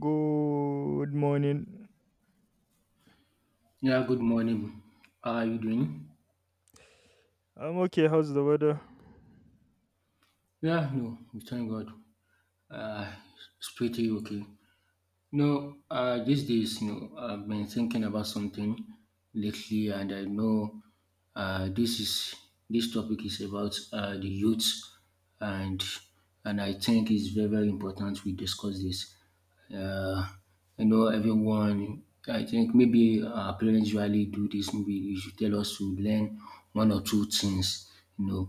Good morning. Yeah, good morning. How are you doing? I'm okay. How's the weather? Yeah, no, we thank God. Uh, it's pretty okay. No, these days, you know, I've been thinking about something lately, and I know uh, this is this topic is about the youth, and I think it's very important we discuss this. Uh, you know, everyone. I think maybe our parents usually do this. Maybe you should tell us to learn one or two things. You know,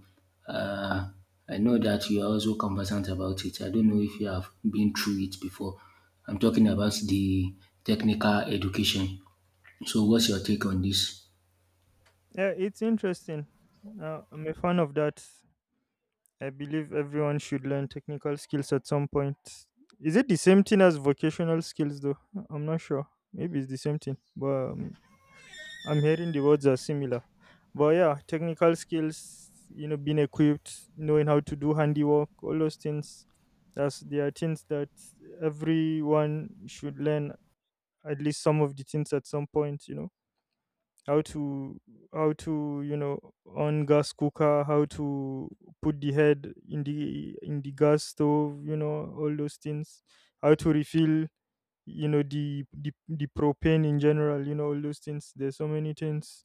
uh, I know that you are also conversant about it. I don't know if you have been through it before. I'm talking about the technical education. So what's your take on this? Yeah, it's interesting. I'm a fan of that. I believe everyone should learn technical skills at some point. Is it the same thing as vocational skills, though? I'm not sure. Maybe it's the same thing, but I'm hearing the words are similar. But yeah, technical skills, being equipped, knowing how to do handiwork, all those things. That's, they are things that everyone should learn, at least some of the things at some point. How to, how to you know on gas cooker, how to put the head in the gas stove, all those things. How to refill, the propane in general, all those things. There's so many things,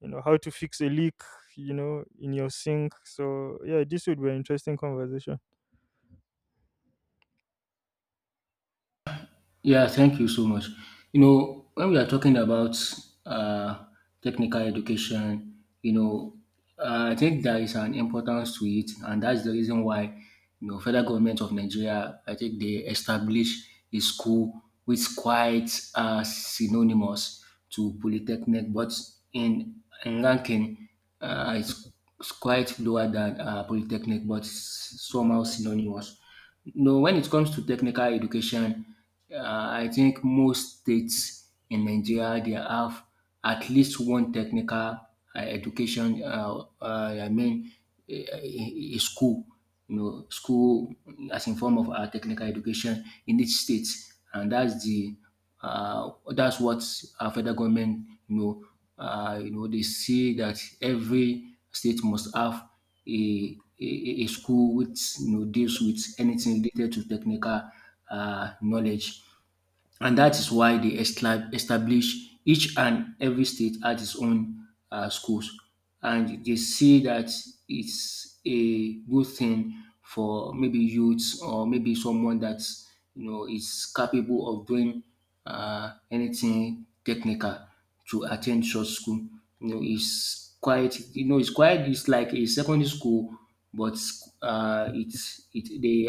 how to fix a leak, in your sink. So yeah, this would be an interesting conversation. Yeah, thank you so much. You know, when we are talking about uh, technical education, you know, I think there is an importance to it, and that's the reason why, you know, federal government of Nigeria, I think they establish a school which quite synonymous to polytechnic, but in, in ranking, uh, it's, it's quite lower than polytechnic, but somehow synonymous. No, when it comes to technical education, I think most states in Nigeria they have at least one technical education. I mean, a school, you know, school as in form of technical education in each state, and that's what our federal government, you know, they see that every state must have a school which you know deals with anything related to technical knowledge. And that is why they establish each and every state has its own schools. And they see that it's a good thing for maybe youths or maybe someone that's you know is capable of doing anything technical to attend such school. You know, it's quite you know it's quite it's like a secondary school, but it's it they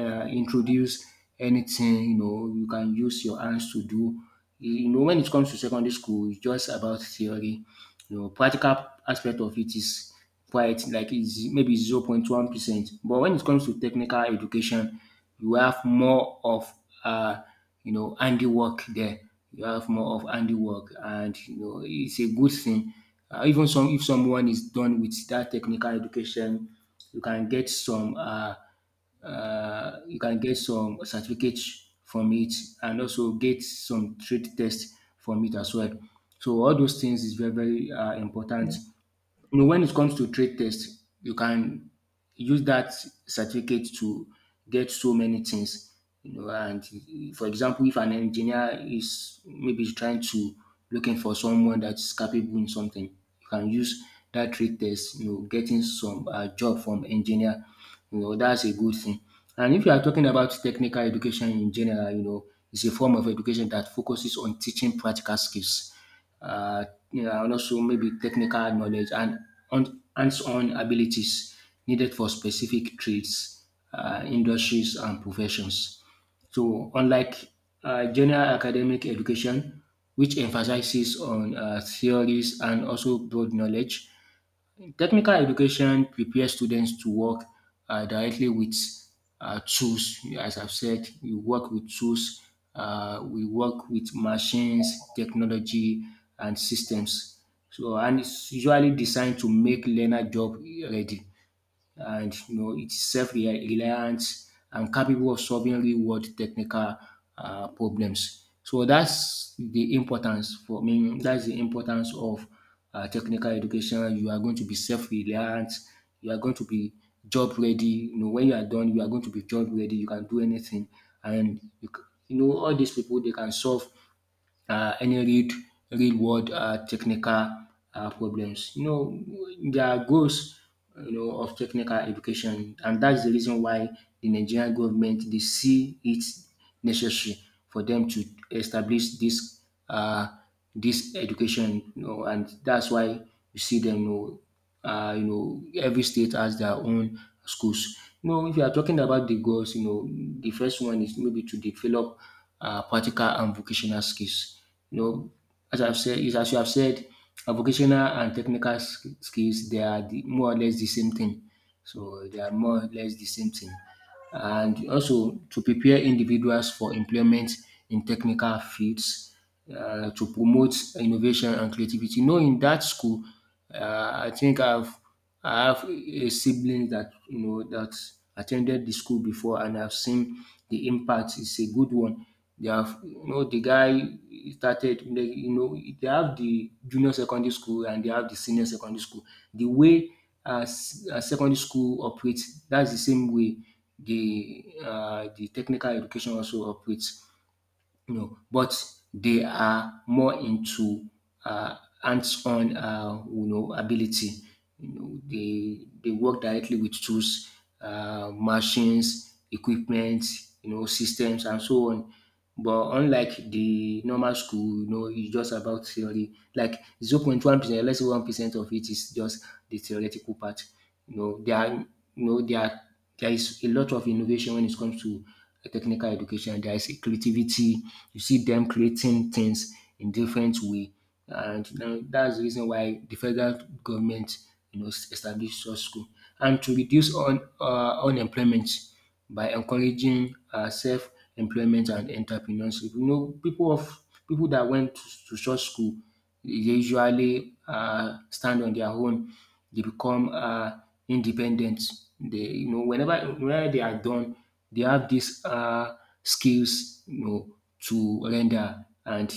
introduce anything you know you can use your hands to do. You know, when it comes to secondary school, it's just about theory. You know, practical aspect of it is quite like is maybe zero point 1%. But when it comes to technical education, you have more of uh, you know handiwork there. You have more of handiwork, and you know it's a good thing. Even some if someone is done with that technical education, you can get some you can get some certificates from it and also get some trade test from it as well. So all those things is very important you know, when it comes to trade test, you can use that certificate to get so many things. You know, and for example, if an engineer is maybe trying to looking for someone that's capable in something, you can use that trade test. You know, getting some job from engineer. You know, that's a good thing. And if you are talking about technical education in general, you know, it's a form of education that focuses on teaching practical skills uh, yeah, and also maybe technical knowledge and hands-on abilities needed for specific trades, industries, and professions. So, unlike general academic education, which emphasizes on theories and also broad knowledge, technical education prepares students to work directly with tools. As I've said, we work with tools, we work with machines, technology and systems. So and it's usually designed to make learner job ready, and you know it's self-reliant and capable of solving real-world technical problems. So that's the importance for me. That's the importance of technical education. You are going to be self-reliant. You are going to be job ready. You know, when you are done, you are going to be job ready. You can do anything, and you, c- you know all these people they can solve any real real world technical problems. You know, there are goals you know of technical education, and that's the reason why the Nigerian government they see it necessary for them to establish this uh, this education. You know, and that's why you see them you know, every state has their own schools. You know, if you are talking about the goals, you know, the first one is maybe to develop practical and vocational skills. You know, as I've said, is as you have said, vocational and technical skills they are the, more or less the same thing. So they are more or less the same thing and also to prepare individuals for employment in technical fields, to promote innovation and creativity. You know in that school, I think I've I have a sibling dat you know that attended the school before, and I've seen the impact. It's a good one. They have you know the guy started you know, they have the junior secondary school and they have the senior secondary school. The way secondary school operates, that's the same way the technical education also operates, you know, but they are more into uh, hands-on, you know, ability. You know, they work directly with tools, machines, equipment, you know, systems, and so on. But unlike the normal school, you know, it's just about theory. Like zero point 0.1%, let's say 1% of it is just the theoretical part. You know, there are, you know, there is a lot of innovation when it comes to technical education. There is a creativity. You see them creating things in different way, and now that's the reason why the federal government, you know, established such school and to reduce on unemployment by encouraging self-employment and entrepreneurship. You know, people that went to such school they usually stand on their own. They become independent. They you know whenever they are done, they have this skills you know to render and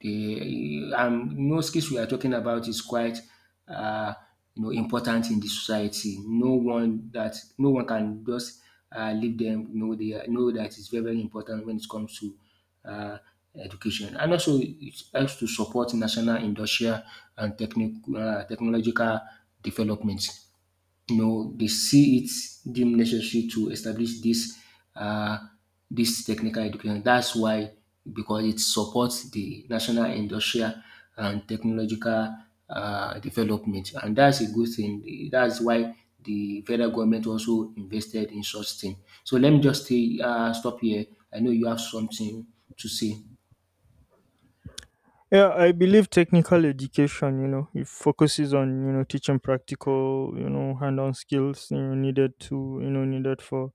the no skills we are talking about is quite um you know important in the society. No one that no one can just leave them. You know they are- know that is very important when it comes to uh, education. And also, it helps to support national industrial and technic technological development. No, they see it deemed necessary to establish uh, this technical education. That's why, because it supports the national industrial and technological development, and that's a good thing. That's why the federal government also invested in such thing. So let me just stop here. I know you have something to say. Yeah, I believe technical education, it focuses on, teaching practical, hand-on skills, needed for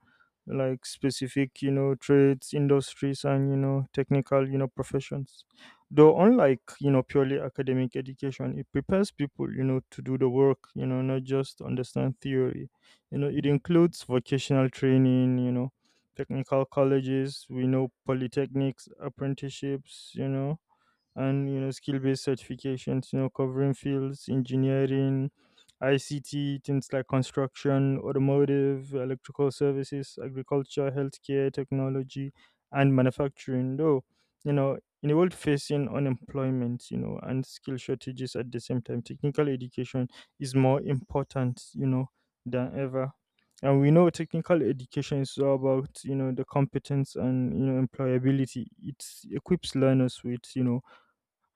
like specific, trades, industries and, technical, professions. Though unlike, purely academic education, it prepares people, to do the work, not just understand theory. It includes vocational training, technical colleges, we know polytechnics, apprenticeships, and skill-based certifications, covering fields: engineering, ICT, things like construction, automotive, electrical services, agriculture, healthcare, technology, and manufacturing. Though, you know in a world facing unemployment, and skill shortages at the same time, technical education is more important, than ever. And we know technical education is all about, the competence and, employability. It equips learners with,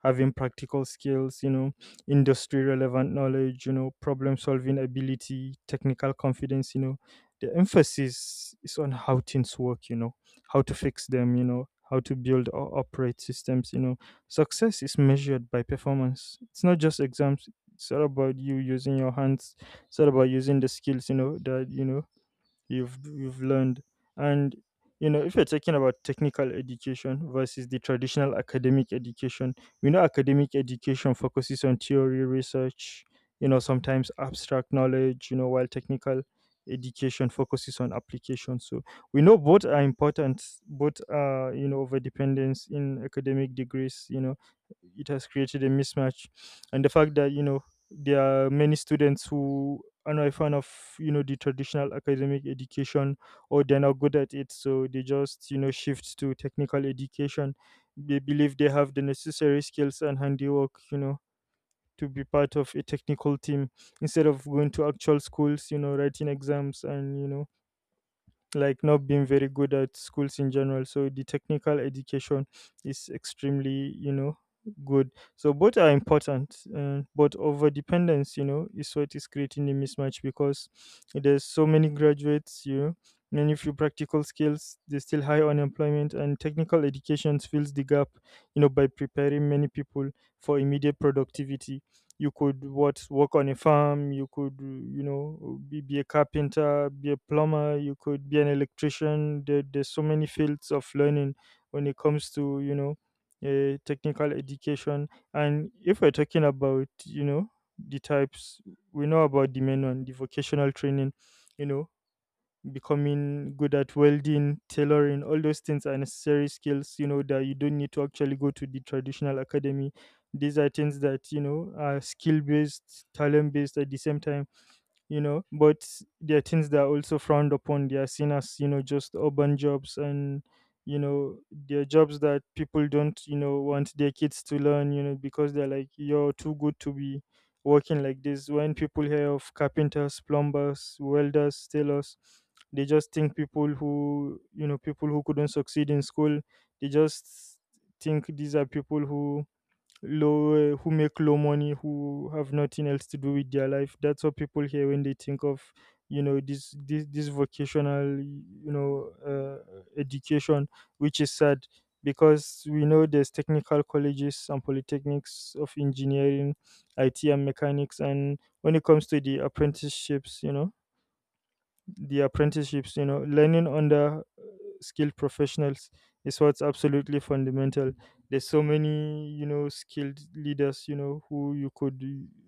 having practical skills, industry relevant knowledge, problem solving ability, technical confidence. The emphasis is on how things work, how to fix them, how to build or operate systems. Success is measured by performance. It's not just exams. It's all about you using your hands. It's all about using the skills, that, you've learned. And, if you're talking about technical education versus the traditional academic education, we know academic education focuses on theory, research, sometimes abstract knowledge, while technical education focuses on application. So we know both are important. Both are, over dependence in academic degrees, it has created a mismatch, and the fact that, there are many students who are not a fan of, the traditional academic education, or they're not good at it, so they just, shift to technical education. They believe they have the necessary skills and handiwork, to be part of a technical team, instead of going to actual schools, writing exams, and, like, not being very good at schools in general. So the technical education is extremely, good. So both are important, but over dependence, is what is creating a mismatch, because there's so many graduates, many few practical skills, there's still high unemployment, and technical education fills the gap, by preparing many people for immediate productivity. You could, what, work on a farm, you could, be a carpenter, be a plumber, you could be an electrician. There's so many fields of learning when it comes to, technical education. And if we're talking about, the types, we know about the main one, the vocational training, you know becoming good at welding, tailoring. All those things are necessary skills, that you don't need to actually go to the traditional academy. These are things that, are skill based, talent based at the same time, but there are things that are also frowned upon. They are seen as, just urban jobs, and, you know they're jobs that people don't, want their kids to learn, because they're like, you're too good to be working like this. When people hear of carpenters, plumbers, welders, tailors, they just think people who, couldn't succeed in school. They just think these are people who, low, who make low money, who have nothing else to do with their life. That's what people hear when they think of, this vocational, education, which is sad, because we know there's technical colleges and polytechnics of engineering, IT and mechanics. And when it comes to the apprenticeships, learning under skilled professionals is what's absolutely fundamental. There's so many, skilled leaders,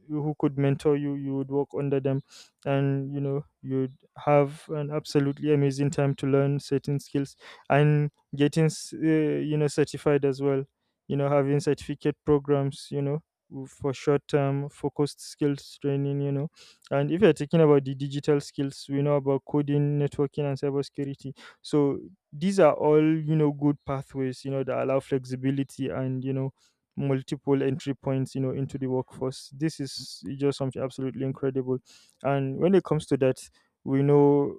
who could mentor You would work under them, and, you'd have an absolutely amazing time to learn certain skills, and getting certified as well, having certificate programs, for short term focused skills training, and if you're talking about the digital skills, we know about coding, networking, and cybersecurity. So these are all, good pathways, that allow flexibility and, multiple entry points, into the workforce. This is just something absolutely incredible. And when it comes to that, we know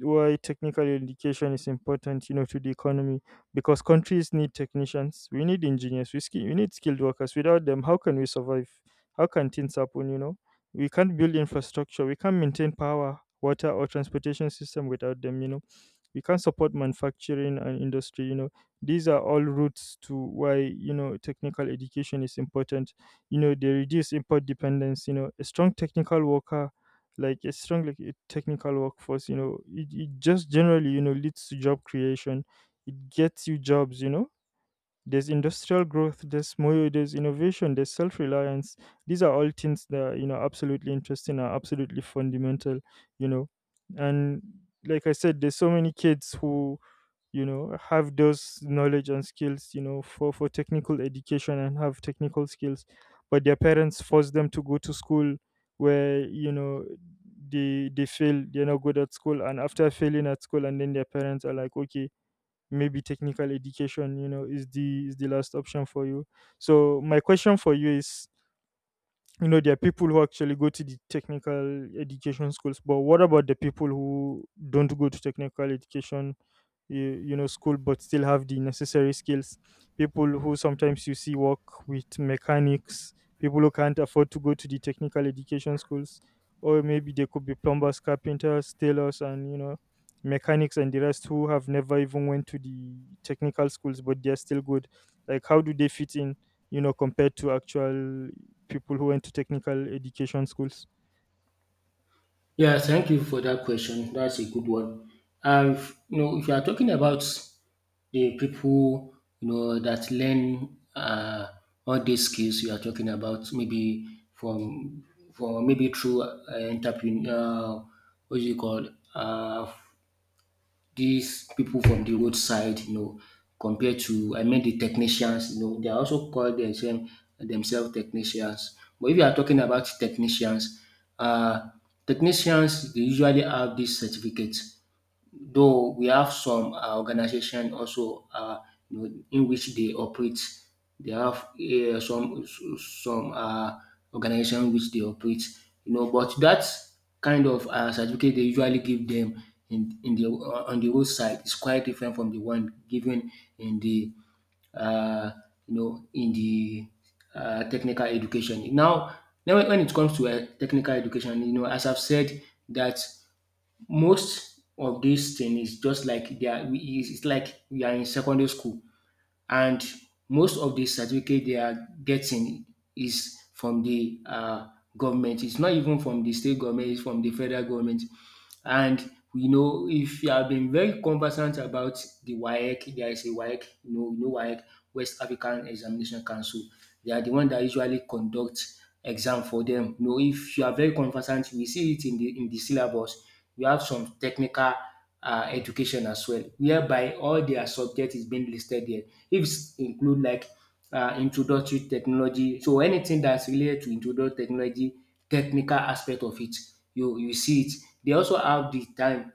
why technical education is important, to the economy, because countries need technicians, we need engineers, we need skilled workers. Without them, how can we survive? How can things happen? We can't build infrastructure, we can't maintain power, water or transportation system without them. We can't support manufacturing and industry. These are all routes to why, technical education is important. They reduce import dependence. A strong technical worker, like a strong, like a technical workforce, it just generally, leads to job creation. It gets you jobs, there's industrial growth, there's more, there's innovation, there's self-reliance. These are all things that are, absolutely interesting, are absolutely fundamental, you know and like I said, there's so many kids who, have those knowledge and skills, for technical education, and have technical skills, but their parents force them to go to school, where, they fail, they're not good at school, and after failing at school, and then their parents are like, okay, maybe technical education, is the, last option for you. So my question for you is, there are people who actually go to the technical education schools, but what about the people who don't go to technical education, school, but still have the necessary skills, people who sometimes you see work with mechanics, people who can't afford to go to the technical education schools, or maybe they could be plumbers, carpenters, tailors, and, mechanics, and the rest, who have never even went to the technical schools, but they're still good? Like, how do they fit in, compared to actual people who went to technical education schools? Yeah, thank you for that question. That's a good one. And you know, if you are talking about the people you know that learn all these skills you are talking about, maybe from from maybe through entrepreneur, what do you call uh, these people from the roadside, you know, compared to I mean the technicians, you know, they are also called themselves technicians. But if you are talking about technicians, uh, technicians they usually have this certificate, though we have some organization also in which they operate. They have some organization which they operate, you know. But that kind of certificate they usually give them in the on the roadside is quite different from the one given in the uh, in the technical education. Now, now when it comes to technical education, you know, as I've said that most of this thing is just like they are we is like we are in secondary school, and most of the certificate they are getting is from the government. It's not even from the state government, it's from the federal government. And you know, if you have been very conversant about the WAEC, there is a WAEC, you know WAEC, West African Examination Council. They are the one that usually conduct exam for them. You know, if you are very conversant, we see it in the syllabus. We have some technical education as well, whereby all their subject is being listed there. Ifs include like introductory technology. So anything that's related to introductory technology, technical aspect of it, you see it. They also have the time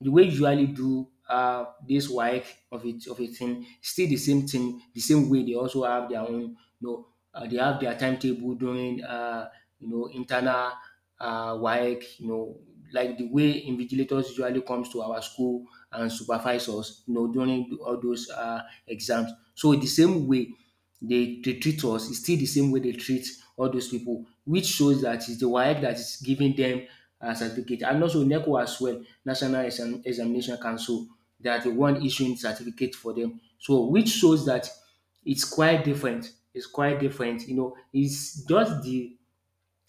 the way you usually do this work of it of a thing still the same thing the same way they also have their own you know they have their timetable during you know internal work you know like the way invigilators usually comes to our school and supervisors, you know, during all those exams. So the same way they treat us is still the same way they treat all those people, which shows that it's the WAEC that is giving them a certificate. And also NECO as well, Examination Council, they are the one issuing certificate for them. So which shows that it's quite different. It's quite different. You know, it's just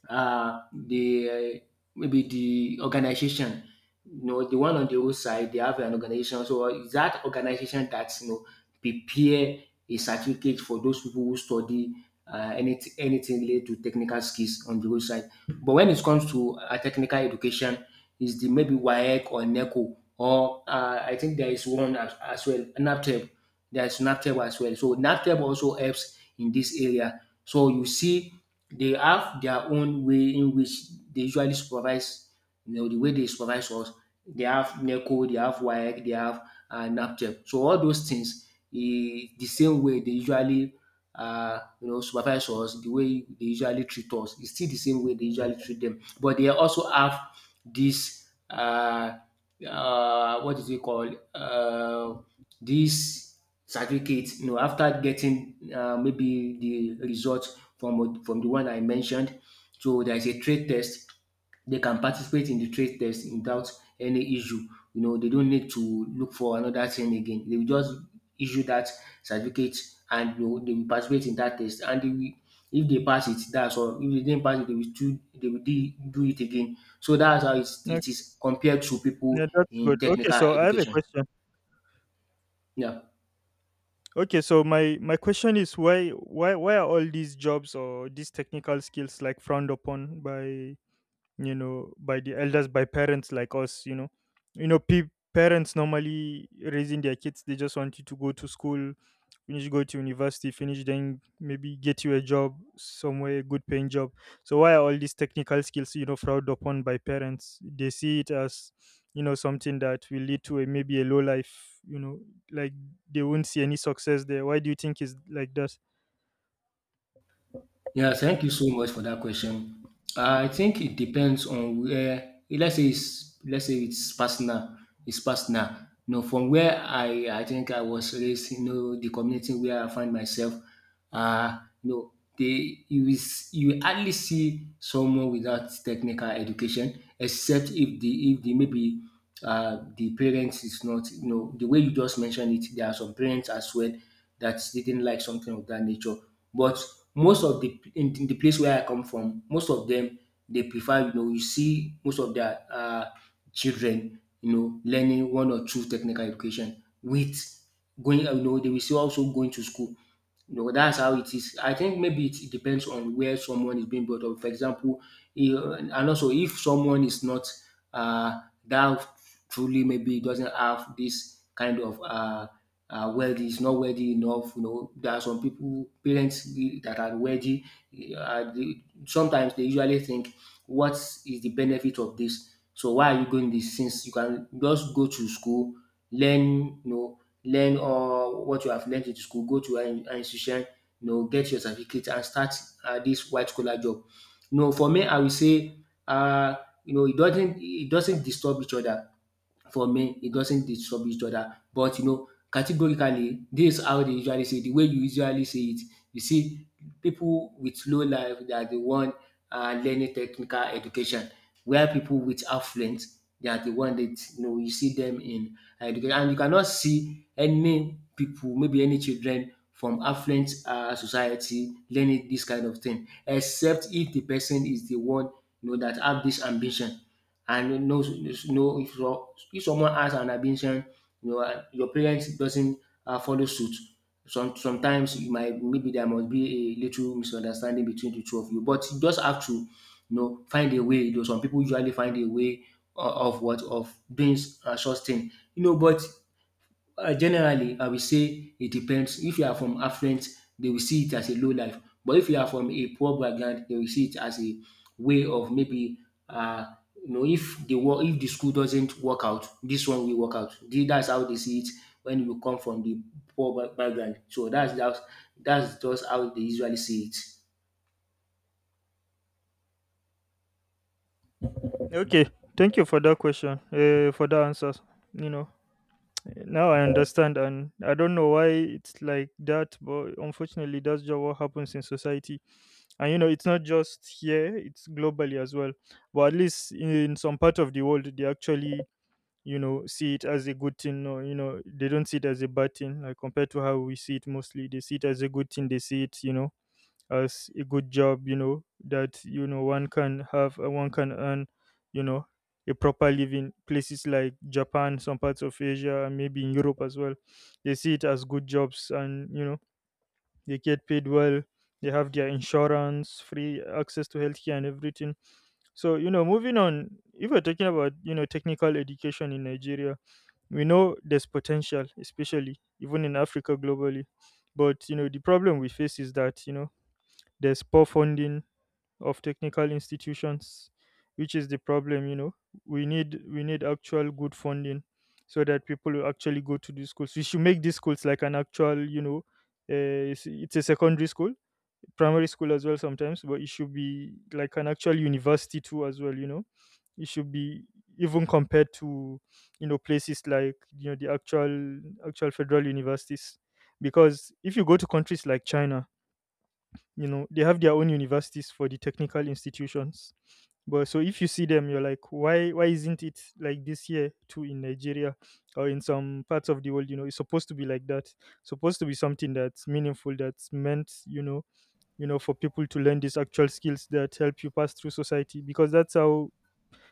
the maybe the organization, you know, the one on the road side. They have an organization, so it's that organization that, you know, prepare a certificate for those people who study anything related to technical skills on the road side. But when it comes to technical education, is the maybe WAEC or NECO or I think there is one as well, NAPTEP. There's NAPTEP as well. So NAPTEP also helps in this area. So you see, they have their own way in which they usually supervise, you know, the way they supervise us. They have NECO, they have WAEC, they have NAPTEP. So all those things, the same way they usually, you know, supervise us, the way they usually treat us, it's still the same way they usually treat them. But they also have this, what is it called? This certificate, you know, after getting maybe the results from the one I mentioned. So there is a trade test. They can participate in the trade test without any issue. You know, they don't need to look for another thing again. They will just issue that certificate, and, you know, they will participate in that test, and they will, if they pass it, that's all. If they didn't pass it, they will do, they will do it again. So that's how it Okay. is compared to people Yeah, that's in good. Okay, technical so I have a education. question. Yeah. Okay, so my question is, why are all these jobs or these technical skills like frowned upon by, by the elders, by parents like us, parents normally raising their kids, they just want you to go to school, finish, go to university, finish, then maybe get you a job somewhere, a good paying job. So why are all these technical skills, frowned upon by parents? They see it as, something that will lead to a, maybe a low life, like, they won't see any success there. Why do you think it's like that? Yeah, thank you so much for that question. I think it depends on where. Let's say it's personal. It's personal. You know, from where I think I was raised, you know, the community where I find myself, uh, you know, they you is you will hardly see someone without technical education, except if the maybe the parents is not, you know, the way you just mentioned it. There are some parents as well that didn't like something of that nature. But most of in the place where I come from, most of them, they prefer, you know. You see most of their children, you know, learning one or two technical education with going, you know. They will see also going to school, you know. That's how it is. I think maybe it depends on where someone is being brought up, for example. And also if someone is not that truly, maybe doesn't have this kind of wealthy, is not wealthy enough. You know, there are some people, parents that are wealthy. They sometimes, they usually think, "What is the benefit of this? So why are you going this? Since you can just go to school, learn, you know, learn all what you have learned in school, go to an institution, you know, get your certificate and start this white collar job." No, for me, I will say, uh, you know, it doesn't disturb each other. For men, it doesn't disturb each other. But you know, categorically, this is how they usually say it, the way you usually say it. You see, pipu with low life, they are the one learning technical education, while pipu with affluence, they are the one that, you know, you see dem in education. And you cannot see any pipu, maybe any children from affluent society, learning dis kind of thing, except if the person is the one, you know, that have dis ambition and knows. Know if if someone has an ambition, you know, and your parents doesn't follow suit. Sometimes you might, maybe there must be a little misunderstanding between the two of you, but you just have to, you know, find a way. Though some people usually find a way of what of doing such thing, you know. But generally, I will say it depends. If you are from affluent, they will see it as a low life. But if you are from a poor background, they will see it as a way of, maybe, uh, you know, if the school doesn't work out, this one will work out. That's how they see it when you come from the poor background. So that's just how they usually see it. Okay. Thank you for that question, for that answer. you know Now I understand, and I don't know why it's like that, but unfortunately, that's just what happens in society. And, it's not just here; it's globally as well. But at least in some part of the world, they actually, see it as a good thing, or, they don't see it as a bad thing. Like compared to how we see it, mostly they see it as a good thing. They see it, as a good job, that, one can earn, you know, a proper living. Places like Japan, some parts of Asia, and maybe in Europe as well, they see it as good jobs, and, they get paid well. They have their insurance, free access to healthcare, and everything. Moving on, if we're talking about technical education in Nigeria, we know there's potential, especially even in Africa globally. But the problem we face is that there's poor funding of technical institutions, which is the problem. We need actual good funding so that people will actually go to these schools. We should make these schools like an actual, it's a secondary school, primary school as well sometimes, but it should be like an actual university too as well, it should be, even compared to, places like, the actual federal universities. Because if you go to countries like China, you know they have their own universities for the technical institutions. But so if you see them, you're like, why isn't it like this year too in Nigeria, or in some parts of the world? It's supposed to be like that, supposed to be something that's meaningful, that's meant, for people to learn these actual skills that help you pass through society, because that's how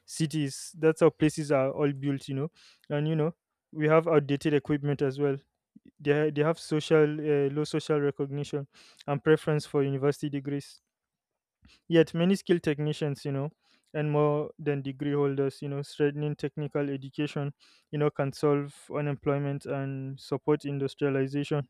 places are all built, you know. We have outdated equipment as well. They have social, low social recognition and preference for university degrees. Yet many skilled technicians, and more than degree holders, strengthening technical education, can solve unemployment and support industrialization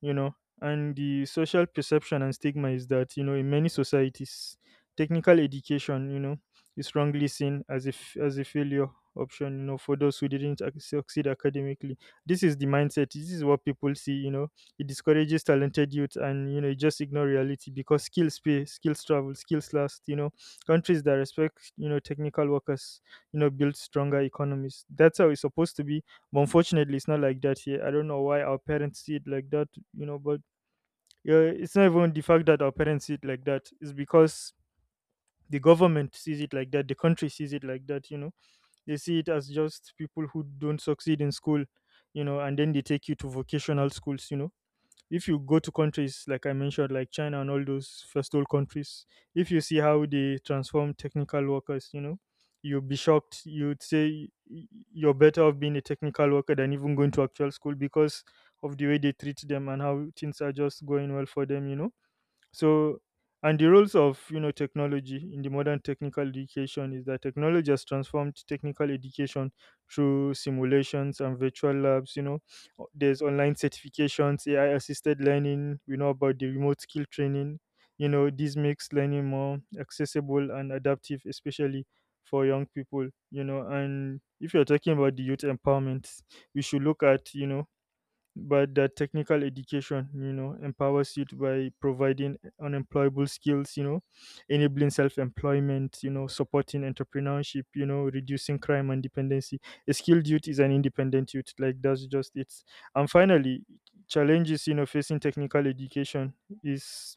you know and the social perception and stigma is that, in many societies technical education is wrongly seen as if as a failure option, for those who didn't ac- succeed academically. This is the mindset, this is what people see, it discourages talented youth. And it just ignore reality, because skills pay, skills travel, skills last, countries that respect, technical workers, build stronger economies. That's how it's supposed to be. But unfortunately, it's not like that here. I don't know why our parents see it like that, you know, but yeah, it's not even the fact that our parents see it like that. It's because the government sees it like that, the country sees it like that, you know. They see it as just people who don't succeed in school, and then they take you to vocational schools. If you go to countries like I mentioned, like China and all those first world countries, if you see how they transform technical workers, you'll be shocked. You're better off being a technical worker than even going to actual school, because of the way they treat them and how things are just going well for them, you know. So, and the roles of technology in the modern technical education is that technology has transformed technical education through simulations and virtual labs. You know, there's online certifications, AI-assisted learning. We know about the remote skill training. You know, this makes learning more accessible and adaptive, especially for young people. You know, and if you're talking about the youth empowerment, we should look at, you know but that technical education empowers youth by providing unemployable skills, enabling self-employment, supporting entrepreneurship, reducing crime and dependency. A skilled youth is an independent youth, like that's just it. And finally, challenges facing technical education is,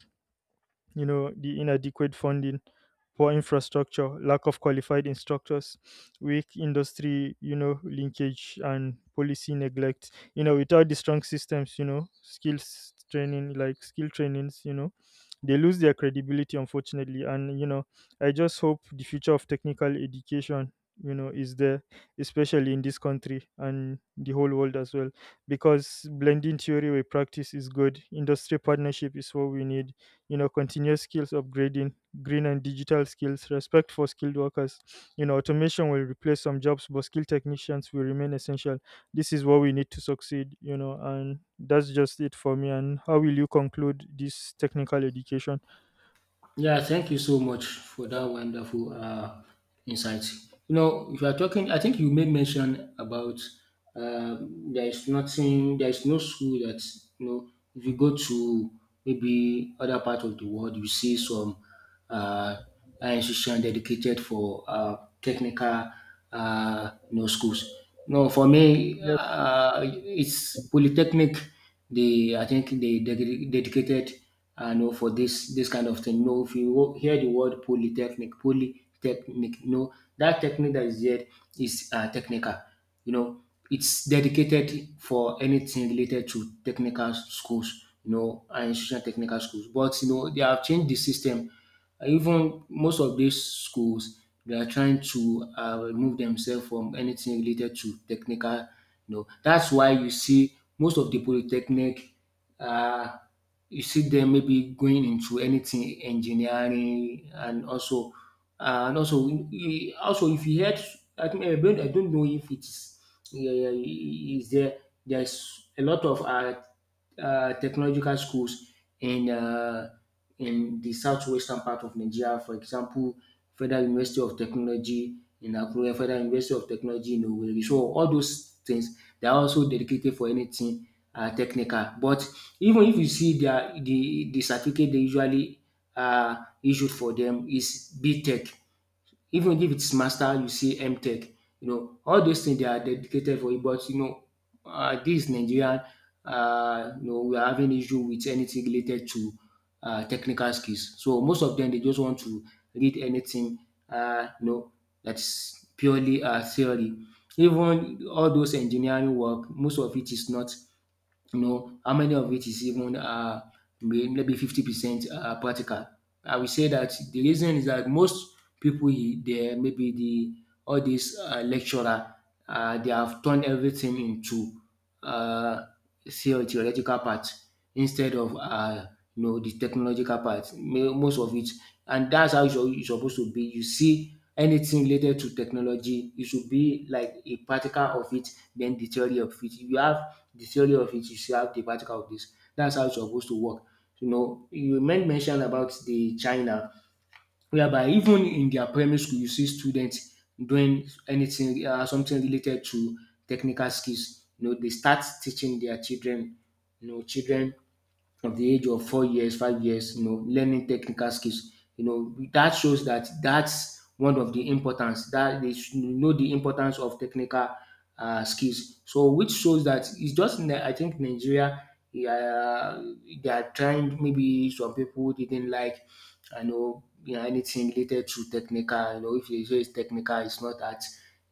the inadequate funding, poor infrastructure, lack of qualified instructors, weak industry, linkage and policy neglect. Without the strong systems, skills training, like skill trainings, they lose their credibility, unfortunately. And I just hope the future of technical education, is there, especially in this country and the whole world as well. Because blending theory with practice is good, industry partnership is what we need, continuous skills upgrading, green and digital skills, respect for skilled workers, automation will replace some jobs, but skilled technicians will remain essential. This is what we need to succeed, and that's just it for me. And how will you conclude this technical education? Yeah, thank you so much for that wonderful insight. You know, if you are talking, I think you made mention about uh, there is nothing, there is no school that, you know. If you go to maybe other part of the world, you see some uh, institution dedicated for technical, you know, schools. No, for me, Yes. It's polytechnic. They, I think, they dedicated, you know, for this kind of thing. You know, if you hear the word polytechnic, you know, that technique that is there is technical. You know, it's dedicated for anything related to technical schools. You know, and institutional technical schools. But you know, they have changed the system. Even most of these schools, they are trying to remove themselves from anything related to technical, you know. That's why you see most of the polytechnic, um you see them maybe going into anything engineering. And also and also e also, if you heard, I think, I don't know if it's, yeah, is there, there's a lot of technological schools in um in the southwestern part of Nigeria, for example, Federal University of Technology in Akure, Federal University of Technology in Owerri. So all those things, they are also dedicated for anything technical. But even if you see their the certificate they usually issued for them is B Tech. Even if it's master, you see MTech. You know, all those things, they are dedicated for it. But you know, this Nigerian, you know, we are having issue with anything related to technical skills. So most of them, they just want to read anything, you know, that's purely theory. Even all those engineering work, most of it is not, you know, how many of it is even maybe 50% practical. I will say that the reason is that most people there, maybe the, all these lecturer, they have turned everything into uh, theoretical part, instead of you know, the technological part, ma- most of it. And that's how it's, you supposed to be. You see anything related to technology, it should be like a practical of it, then the theory of it. If you have the theory of it, you should have the practical of this. That's how it's supposed to work. You know, you mentioned about the China, whereby even in their primary school, you see students doing anything something related to technical skills. You know, they start teaching their children, you know, children from the age of 4 years, 5 years, you know, learning technical skills. You know, that shows that that's one of the importance, that they should know the importance of technical skills. So, which shows that it's just in I think Nigeria, yeah, they are trying. Maybe some people didn't like, I know, you know, anything related to technical. You know, if they say it's technical, it's not that.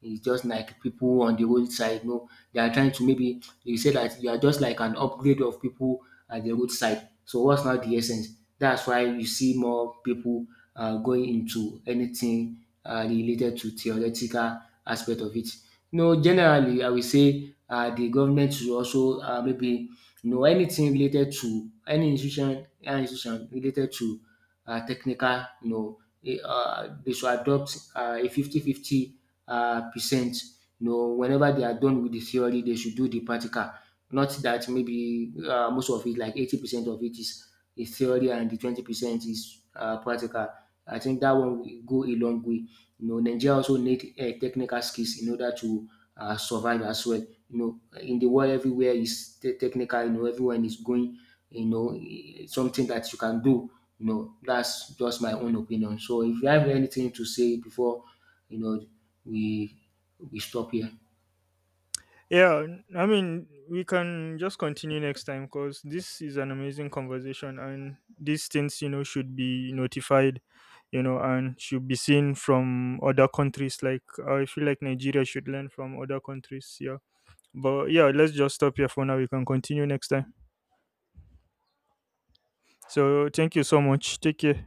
It's just like people on the roadside, you know, they are trying to, maybe they say that you are just like an upgrade of people at the roadside. So what's not the essence? That's why you see more people going into anything related to theoretical aspect of it. You know, generally, I will say the government should also, maybe, you know, anything related to any institution related to technical, you know, they should adopt a fifty-fifty percent. You know, whenever they are done with the theory, they should do the practical. Not that maybe most of it, like 80% of it is theory, and the 20% is practical. I think that one will go a long way. You know, Nigeria also need technical skills in order to survive as well. You know, in the world, everywhere is technical. You know, everyone is going. You know, something that you can do. You know, that's just my own opinion. So, if you have anything to say before, you know, we we stop here. Yeah, I mean, we can just continue next time, because this is an amazing conversation, and these things, you know, should be notified, you know, and should be seen from other countries. Like, I feel like Nigeria should learn from other countries. Yeah, but yeah, let's just stop here for now. We can continue next time. So, thank you so much. Take care.